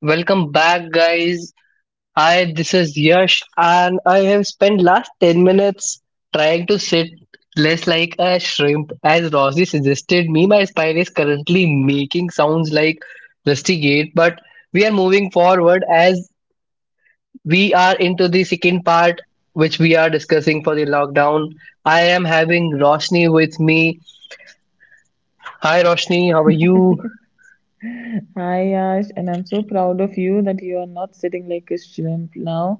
Welcome back, guys. Hi, this is Yash, and I have spent last 10 minutes trying to sit less like a shrimp. As Rosy suggested me, my spine is currently making sounds like rustigate, but we are moving forward as we are into the second part, which we are discussing for the lockdown. I am having Roshni with me. Hi, Roshni, how are you? Hi Yash, and I'm so proud of you that you are not sitting like a shrimp now.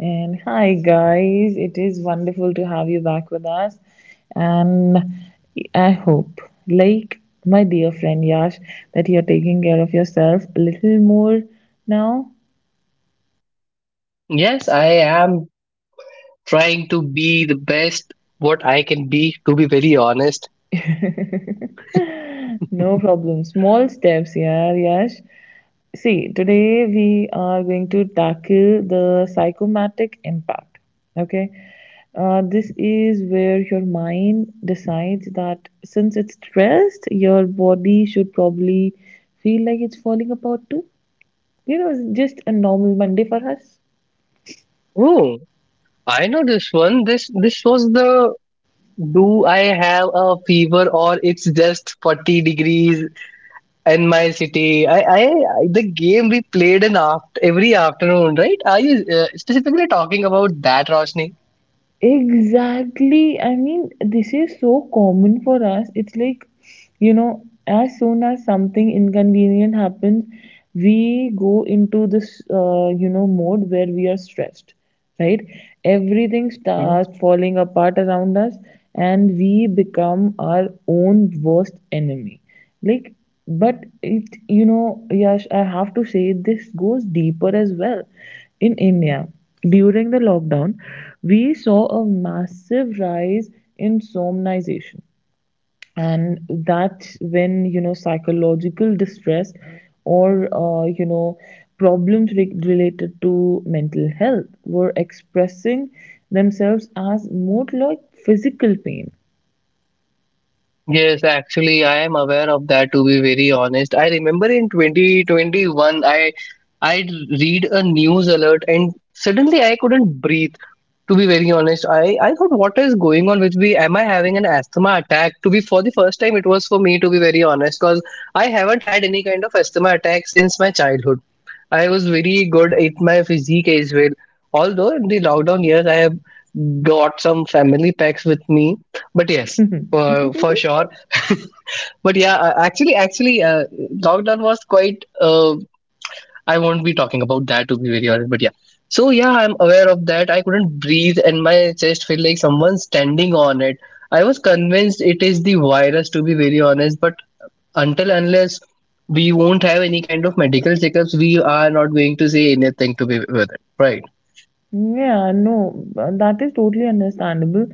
And hi guys, it is wonderful to have you back with us. And I hope, like my dear friend Yash, that you're taking care of yourself a little more now. Yes, I am trying to be the best what I can be, to be very honest. No problem. Small steps, yeah, Yash. See, today we are going to tackle the psychomatic impact. Okay, this is where your mind decides that since it's stressed, your body should probably feel like it's falling apart too. You know, it's just a normal Monday for us. Oh, I know this one. This was the do I have a fever or it's just 40 degrees in my city? I the game we played in aft every afternoon, right? Are you specifically talking about that, Roshni? Exactly. I mean, this is so common for us. It's like, as soon as something inconvenient happens, we go into this, mode where we are stressed, right? Everything Hmm? starts falling apart around us, and we become our own worst enemy like but it you know Yash, I have to say this goes deeper as well. In India, during the lockdown, we saw a massive rise in somnization. And that's when, you know, psychological distress or, uh, you know problems related to mental health were expressing themselves as more like physical pain. Yes, actually, I am aware of that. To be very honest, I remember in 2021, I read a news alert and suddenly I couldn't breathe. To be very honest, I thought, what is going on with me? Am I having an asthma attack? To be for the first time it was for me, to be very honest, because I haven't had any kind of asthma attack since my childhood. I was very good at my physique as well. Although in the lockdown years I have got some family packs with me, but yes, for sure. But yeah, actually actually lockdown was quite I won't be talking about that, to be very honest, but yeah. So yeah, I'm aware of that. I couldn't breathe and my chest felt like someone standing on it. I was convinced it is the virus, to be very honest, but until unless we won't have any kind of medical checkups, we are not going to say anything to be with it. Right. Yeah, no, that is totally understandable.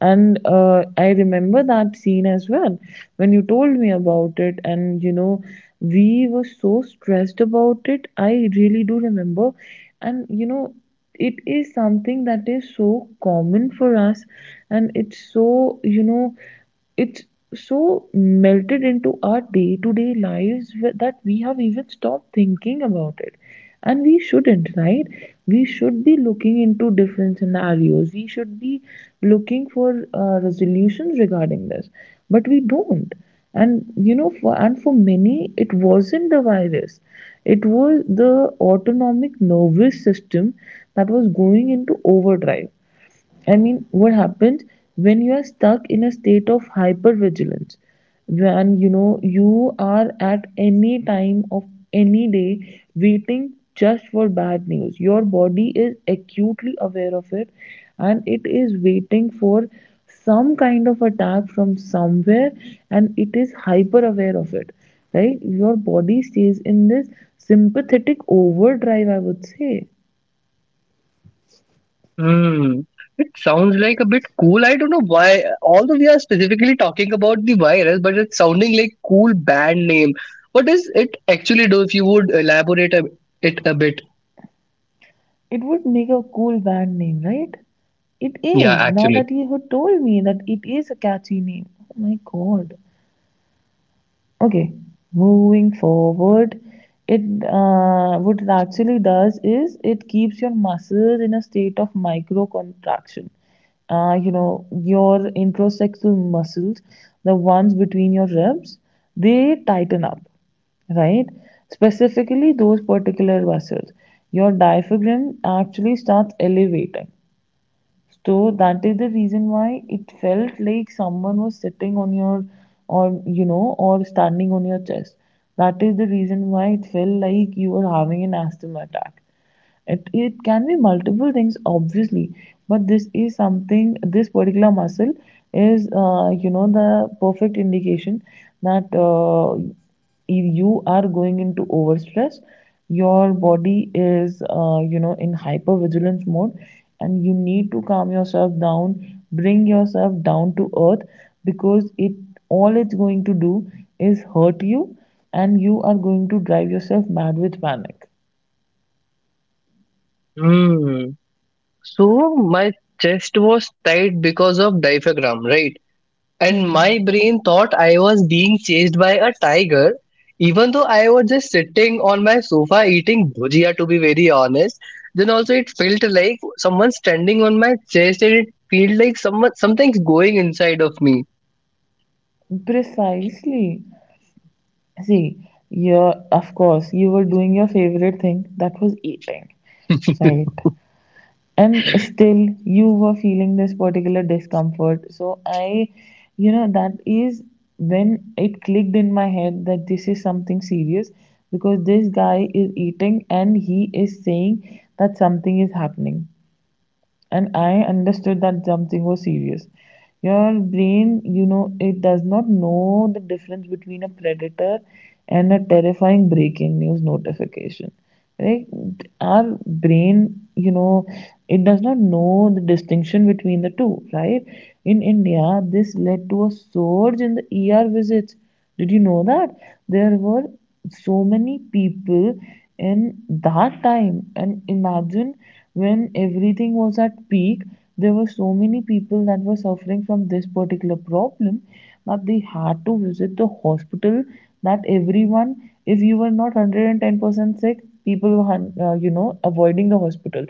And I remember that scene as well when you told me about it. And you know, we were so stressed about it. I really do remember. And you know, it is something that is so common for us. And it's so, you know, it's so melted into our day to day lives that we have even stopped thinking about it. And we shouldn't, right? We should be looking into different scenarios. We should be looking for resolutions regarding this. But we don't. And you know, for, and for many, it wasn't the virus. It was the autonomic nervous system that was going into overdrive. I mean, what happens when you are stuck in a state of hypervigilance? When you know you are at any time of any day waiting just for bad news. Your body is acutely aware of it and it is waiting for some kind of attack from somewhere, and it is hyper aware of it. Right? Your body stays in this sympathetic overdrive, I would say. Hmm. It sounds like a bit cool. I don't know why. Although we are specifically talking about the virus, but it's sounding like cool band name. What does it actually do? If you would elaborate a, it a bit. It would make a cool band name, right? It Yeah, is. Now actually. that you have told me that, it is a catchy name. Oh my god. Okay, moving forward, it what it actually does is it keeps your muscles in a state of micro contraction. Your introsexual muscles, the ones between your ribs, they tighten up, right? Specifically those particular muscles. Your diaphragm actually starts elevating, so that is the reason why it felt like someone was sitting on your, or you know, or standing on your chest. That is the reason why it felt like you were having an asthma attack. It can be multiple things, obviously, but this is something, this particular muscle is, the perfect indication that if you are going into overstress, your body is, in hypervigilance mode, and you need to calm yourself down, bring yourself down to earth, because it, all it's going to do is hurt you, and you are going to drive yourself mad with panic. Hmm. So my chest was tight because of diaphragm, right? And Hmm. my brain thought I was being chased by a tiger, even though I was just sitting on my sofa eating bhujia, to be very honest. Then also it felt like someone standing on my chest, and it felt like someone something's going inside of me. Precisely. See, you're, of course, you were doing your favorite thing, that was eating, right? And still, you were feeling this particular discomfort. So, I, you know, that is when it clicked in my head that this is something serious, because this guy is eating and he is saying that something is happening, and I understood that something was serious. Your brain, you know, it does not know the difference between a predator and a terrifying breaking news notification. Right? Our brain, you know, it does not know the distinction between the two, right? In India, this led to a surge in the ER visits. Did you know that there were so many people in that time? And imagine, when everything was at peak, there were so many people that were suffering from this particular problem that they had to visit the hospital. That everyone, if you were not 110% sick, people were, avoiding the hospital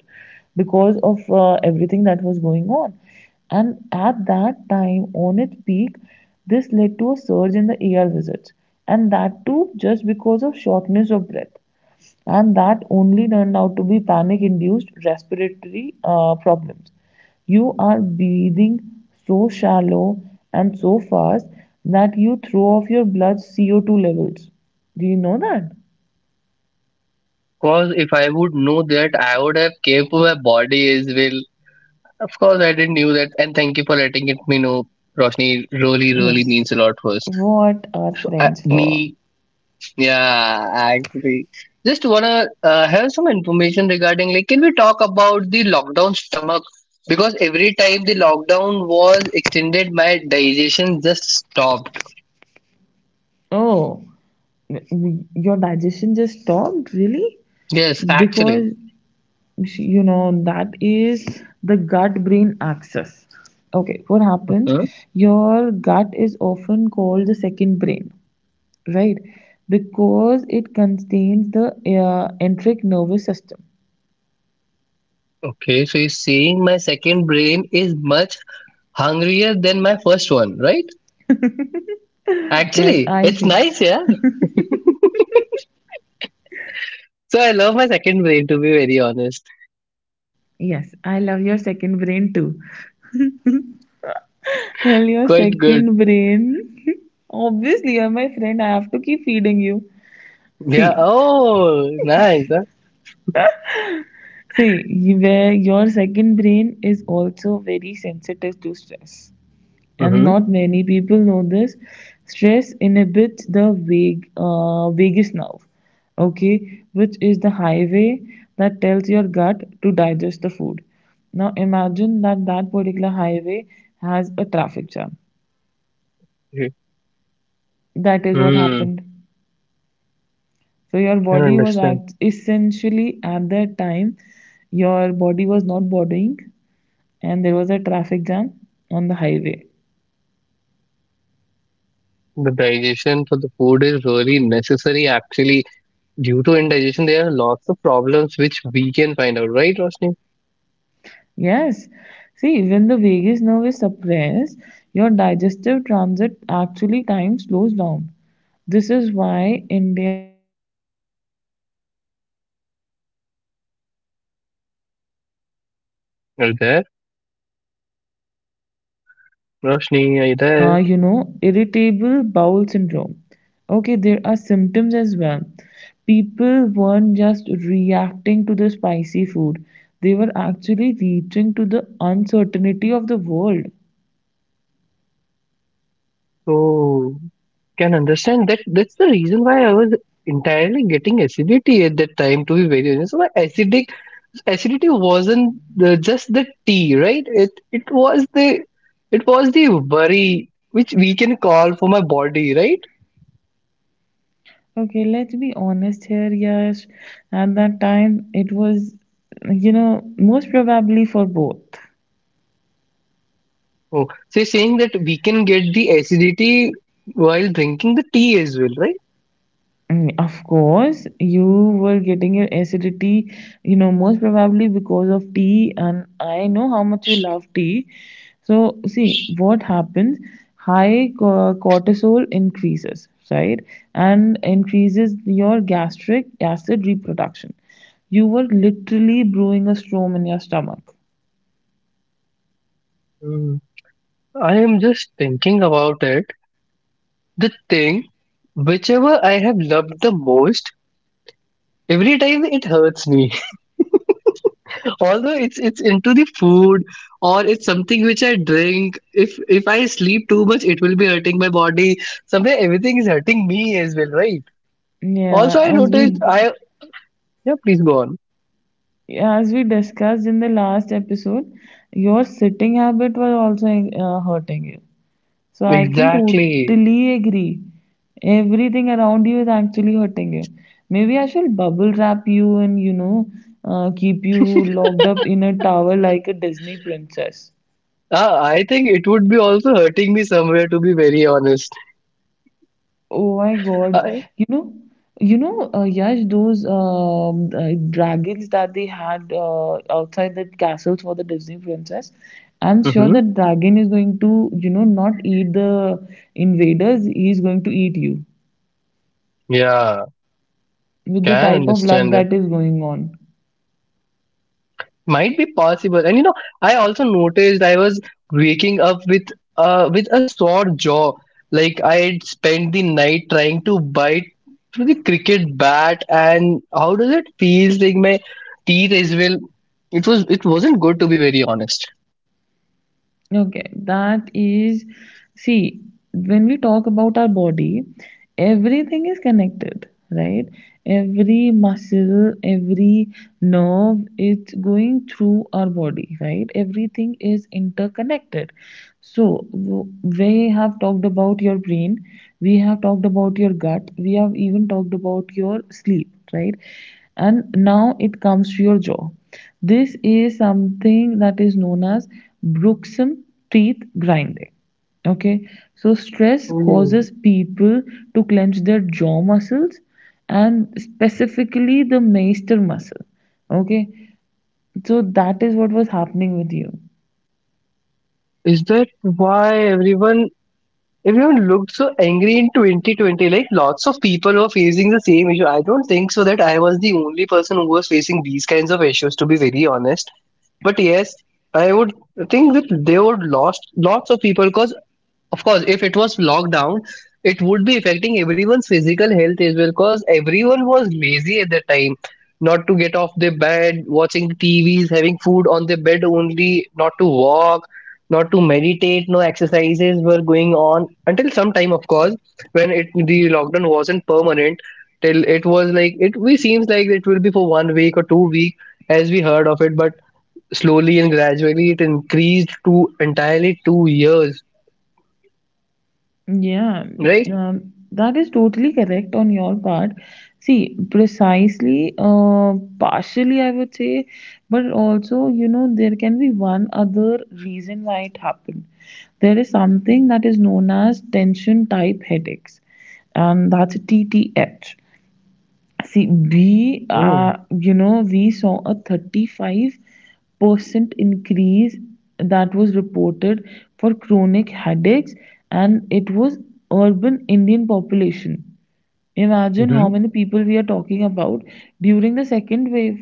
because of everything that was going on. And at that time, on its peak, this led to a surge in the ER visits, and that too just because of shortness of breath. And that only turned out to be panic induced respiratory problems. You are breathing so shallow and so fast that you throw off your blood's CO2 levels. Do you know that? Cause if I would know that, I would have kept my body as well. Of course, I didn't knew that, and thank you for letting it me know. Roshni really, really Yes. means a lot for us. What are So, friends for? me, yeah, actually, just wanna have some information regarding like, can we talk about the lockdown stomach? Because every time the lockdown was extended, my digestion just stopped. Oh, your digestion just stopped? Really? Yes, actually. Because you know that is the gut brain axis. Okay, what happens, Huh? your gut is often called the second brain, right? Because it contains the enteric nervous system. Okay, so you're saying my second brain is much hungrier than my first one, right? Yes, Actually, I it's should. nice, yeah. So I love my second brain, to be very honest. Yes, I love your second brain too. Well, your Quite good. second brain obviously you're my friend, I have to keep feeding you. Yeah. See, Oh, nice. Huh? Where your second brain is also very sensitive to stress, and Mm-hmm. not many people know this. Stress inhibits the vague vagus nerve, okay, which is the highway that tells your gut to digest the food. Now imagine that particular highway has a traffic jam. That is what Mm, happened. So your can body was understand. Essentially at that time, your body was not bodying, and there was a traffic jam on the highway. The digestion for the food is really necessary. Actually, due to indigestion, there are lots of problems which we can find out, right, Roshni? Yes. See, when the vagus nerve is suppressed, your digestive transit actually time slows down. This is why India saw such a massive spike in IBS. That is for our readers Are you there? that is for our readers, Roshni, are you there? Irritable bowel syndrome. Okay, there are symptoms as well. People weren't just reacting to the spicy food, they were actually reaching to the uncertainty of the world. So, can understand that that's the reason why I was entirely getting acidity at that time. To be very honest, so my acidic acidity wasn't the, just the tea, right? It was the it was the worry which we can call for my body, right? Okay, let's be honest here, Yash. At that time, it was, you know, most probably for both. Oh, so you're saying that we can get the acidity while drinking the tea as well, right? Mm, of course, you were getting your acidity, you know, most probably because of tea, and I know how much you love tea. So, see what happens, high cortisol increases, right? And increases your gastric acid reproduction. You were literally brewing a storm in your stomach. Mm. I am just thinking about it. The thing, whichever I have loved the most, every time it hurts me. Although it's into the food or it's something which I drink. If I sleep too much it will be hurting my body somewhere. Everything is hurting me as well, right? Yeah, Also I as noticed we I yeah, please go on. as we discussed in the last episode, your sitting habit was also hurting you. So I can Exactly. totally agree. Everything around you is actually hurting you. Maybe I should bubble wrap you and, you know, keep you locked up in a tower like a Disney princess. I think it would be also hurting me somewhere, to be very honest. Oh my God. I, You know, you know, Yash, those dragons that they had outside the castles for the Disney princess. I'm sure hmm, the dragon is going to, you know, not eat the invaders. He's going to eat you yeah, with the can type of luck understand, that is going on. might be possible. And you know, I also noticed I was waking up with a sore jaw, like I had spent the night trying to bite through the cricket bat. And how does it feel like my teeth as well? It wasn't good, to be very honest. Okay, that is, see, when we talk about our body, everything is connected, right? Every muscle, every nerve, it's going through our body, right? Everything is interconnected. So, we have talked about your brain, we have talked about your gut, we have even talked about your sleep, right? And now it comes to your jaw. This is something that is known as bruxism, teeth grinding. Okay, so stress Oh, causes people to clench their jaw muscles, and specifically the masseter muscle. Okay, so that is what was happening with you. is that why everyone looked so angry in 2020? Like lots of people were facing the same issue. I don't think so that I was the only person who was facing these kinds of issues, to be very honest. But yes, I would think that they would lost lots of people because, of course, if it was lockdown, it would be affecting everyone's physical health as well because everyone was lazy at that time. Not to get off their bed, watching TVs, having food on their bed only, not to walk, not to meditate, no exercises were going on until some time, of course, when it the lockdown wasn't permanent. Till it was like it we seems like it will be for 1 week or 2 week as we heard of it, but slowly and gradually it increased to entirely 2 years, Yeah, right? That is totally correct on your part. See, precisely, partially, I would say, but also, you know, there can be one other reason why it happened. There is something that is known as tension type headaches, and that's TTH. See, we are, you know, we saw a 35% increase that was reported for chronic headaches, and it was urban Indian population. Imagine how Mhm. many people we are talking about during the second wave,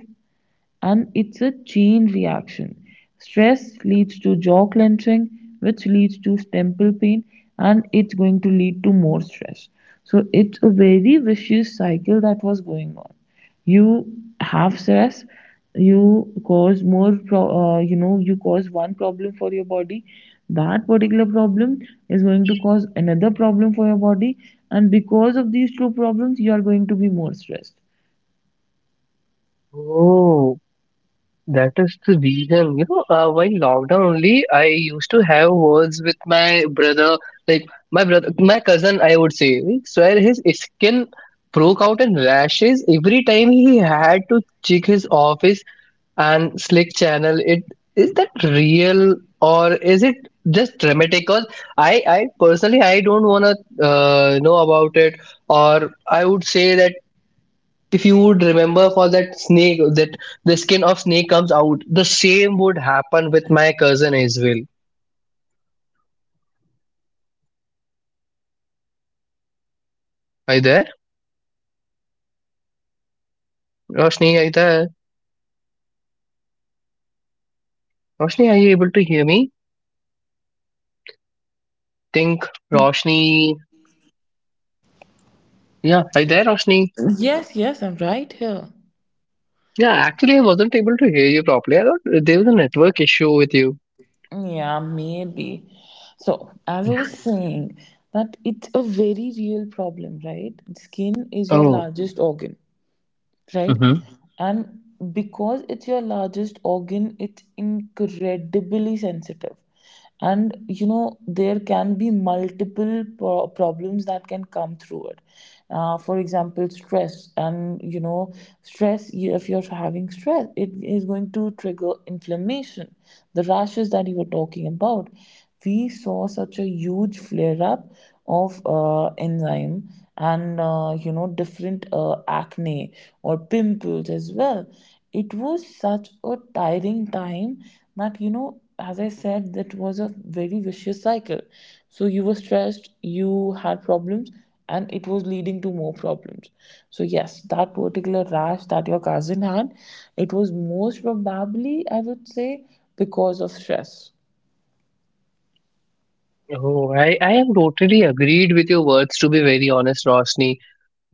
and it's a chain reaction. Stress leads to jaw clenching, which leads to temple pain, and it's going to lead to more stress. So it's a very vicious cycle that was going on. You have stress, you cause more, you cause one problem for your body. That particular problem is going to cause another problem for your body, and because of these two problems, you are going to be more stressed. Oh, that is the reason. You know, while lockdown only, I used to have words with my brother, like my brother, my cousin, I would say. Like, swear his skin broke out in rashes every time he had to check his office and Slick Channel, it is that real or is it just dramatic? Because I personally, I don't wanna know about it, or I would say that if you would remember for that snake, that the skin of snake comes out, the same would happen with my cousin as well. Are you there, Roshni? Are you there, Roshni? Are you able to hear me? Think, Roshni. Yeah, are you there, Roshni? Yes, yes, I'm right here. Yeah, actually, I wasn't able to hear you properly. I thought there was a network issue with you. Yeah, maybe. So, as I was saying, that it's a very real problem, right? Skin is your Oh. largest organ. Right? And because it's your largest organ, it's incredibly sensitive. And you know, there can be multiple problems that can come through it. For example, stress. And you know, stress, if you're having stress, it is going to trigger inflammation, the rashes that you were talking about. We saw such a huge flare up of enzyme, and different acne or pimples as well. It was such a tiring time that, you know, as I said, that was a very vicious cycle. So you were stressed, you had problems, and it was leading to more problems. So yes, that particular rash that your cousin had, it was most probably, I would say, because of stress. Oh, I have totally agreed with your words, to be very honest, Rosni.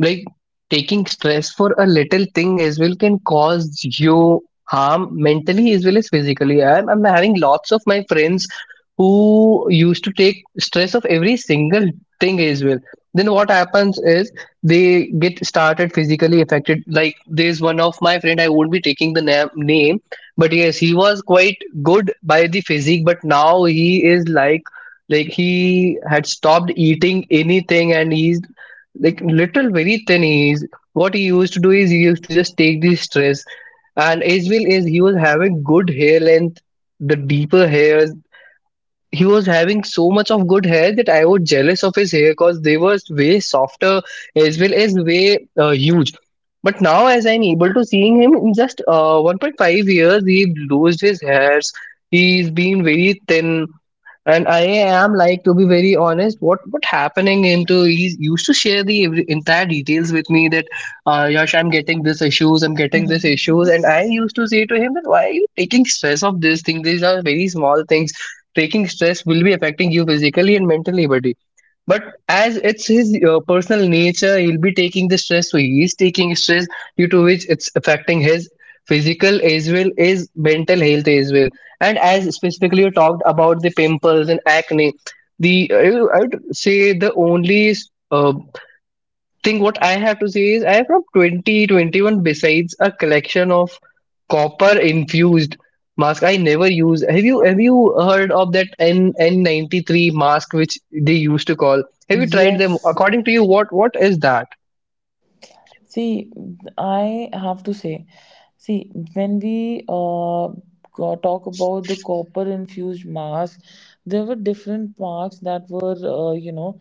Like, taking stress for a little thing as well can cause you harm mentally as well as physically. I'm having lots of my friends who used to take stress of every single thing as well. Then what happens is they get started physically affected. Like there's one of my friend, I won't be taking the name, but yes, he was quite good by the physique, but now he is like he had stopped eating anything and he's like little very thin. Is what he used to do is he used to just take the stress. And as well as he was having good hair length, the deeper hairs, he was having so much of good hair that I was jealous of his hair because they were way softer as well as way huge. But now as I'm able to seeing him in just 1.5 years he lost his hairs. He's been very thin. And I am like, to be very honest, what happening into. He used to share the entire details with me that, Yash, I'm getting this issues, I'm getting this Mm-hmm. issues. And I used to say to him that why are you taking stress of this thing? These are very small things. Taking stress will be affecting you physically and mentally, buddy. But as it's his personal nature, he'll be taking the stress. So he is taking stress due to which it's affecting his physical as well as mental health as well. And as specifically you talked about the pimples and acne, the I would say the only uh, think what I have to say is I have from 2021 besides a collection of copper infused mask I never use. Have you heard of that N N93 mask which they used to call? Have you tried them? Yes. According to you, what is that? See, I have to say, see, when we talk about the copper infused masks, there were different masks that were, uh, you know,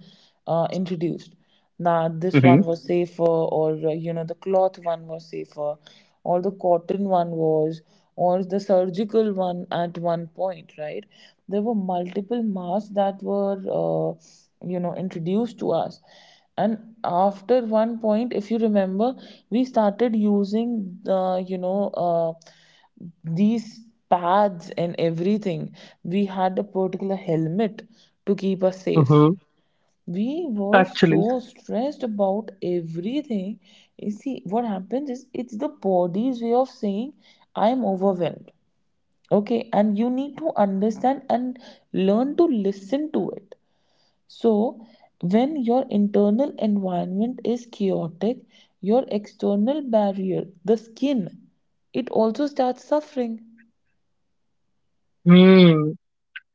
uh, introduced. Now, this one was safer, or, the cloth one was safer, or the cotton one was, or the surgical one at one point, right? There were multiple masks that were, introduced to us, and after one point, if you remember, we started using, uh, these pads and everything. We had a particular helmet to keep us safe. Mm-hmm. We were so Actually, stressed about everything. You see what happens is it's the body's way of saying I'm overwhelmed. Okay, and you need to understand and learn to listen to it. So, when your internal environment is chaotic, your external barrier, the skin, it also starts suffering. hmm.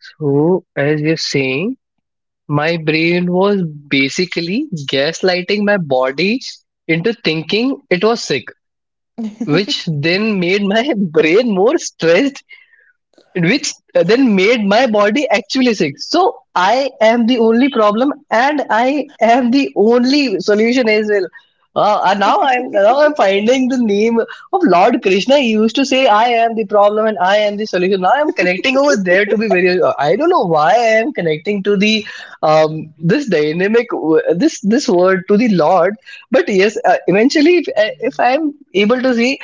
So as you're saying, my brain was basically gaslighting my body into thinking it was sick, which then made my brain more stressed, which then made my body actually sick. So I am the only problem, and I am the only solution as well. And now I'm finding the name of Lord Krishna. He used to say, "I am the problem and I am the solution." Now I'm connecting over there, to be very. I don't know why I am connecting to the this dynamic this word to the Lord. But yes, eventually, if if I'm able to see,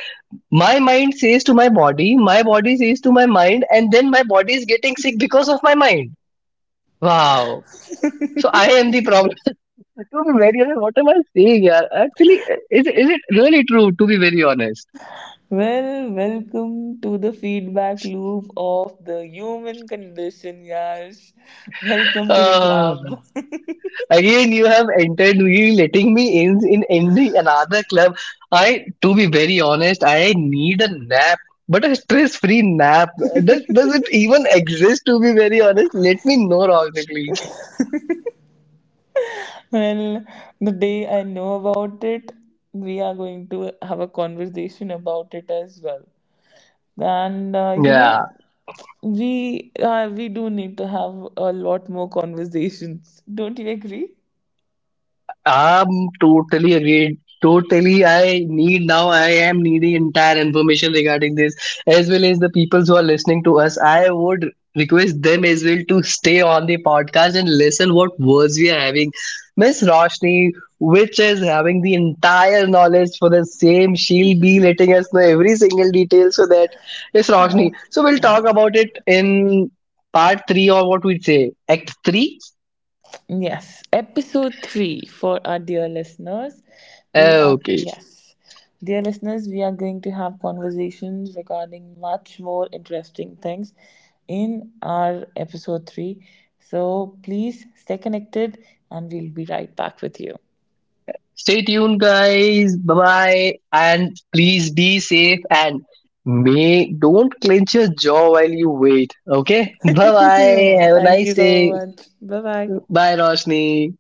my mind says to my body says to my mind, and then my body is getting sick because of my mind. Wow. So I am the problem. To be very honest, what am I saying, yeah? Actually, is it really true? To be very honest, Well, welcome to the feedback loop of the human condition, yes. Welcome to the uh, club. again you have entered, really letting me in any another club. I, to be very honest, I need a nap. But a stress-free nap, does it even exist? To be very honest, let me know, Rohit, please. Well, the day I know about it, we are going to have a conversation about it as well. And Yeah. we we do need to have a lot more conversations. Don't you agree? I'm totally agreed. Totally, I need now. I am needing entire information regarding this, as well as the people who are listening to us. I would request them as well to stay on the podcast and listen what words we are having. Miss Roshni, which is having the entire knowledge for the same, she'll be letting us know every single detail. So that is Roshni. Oh, So we'll talk God. about it in part 3 or what we say, act 3. Yes, episode three for our dear listeners. We are, Okay. yes, dear listeners, we are going to have conversations regarding much more interesting things in our episode three. So please stay connected and we'll be right back with you. Stay tuned, guys. Bye bye. And please be safe and may don't clench your jaw while you wait. Okay. Bye bye. Have a Thank nice you so day. much. Bye bye. Bye, Roshni.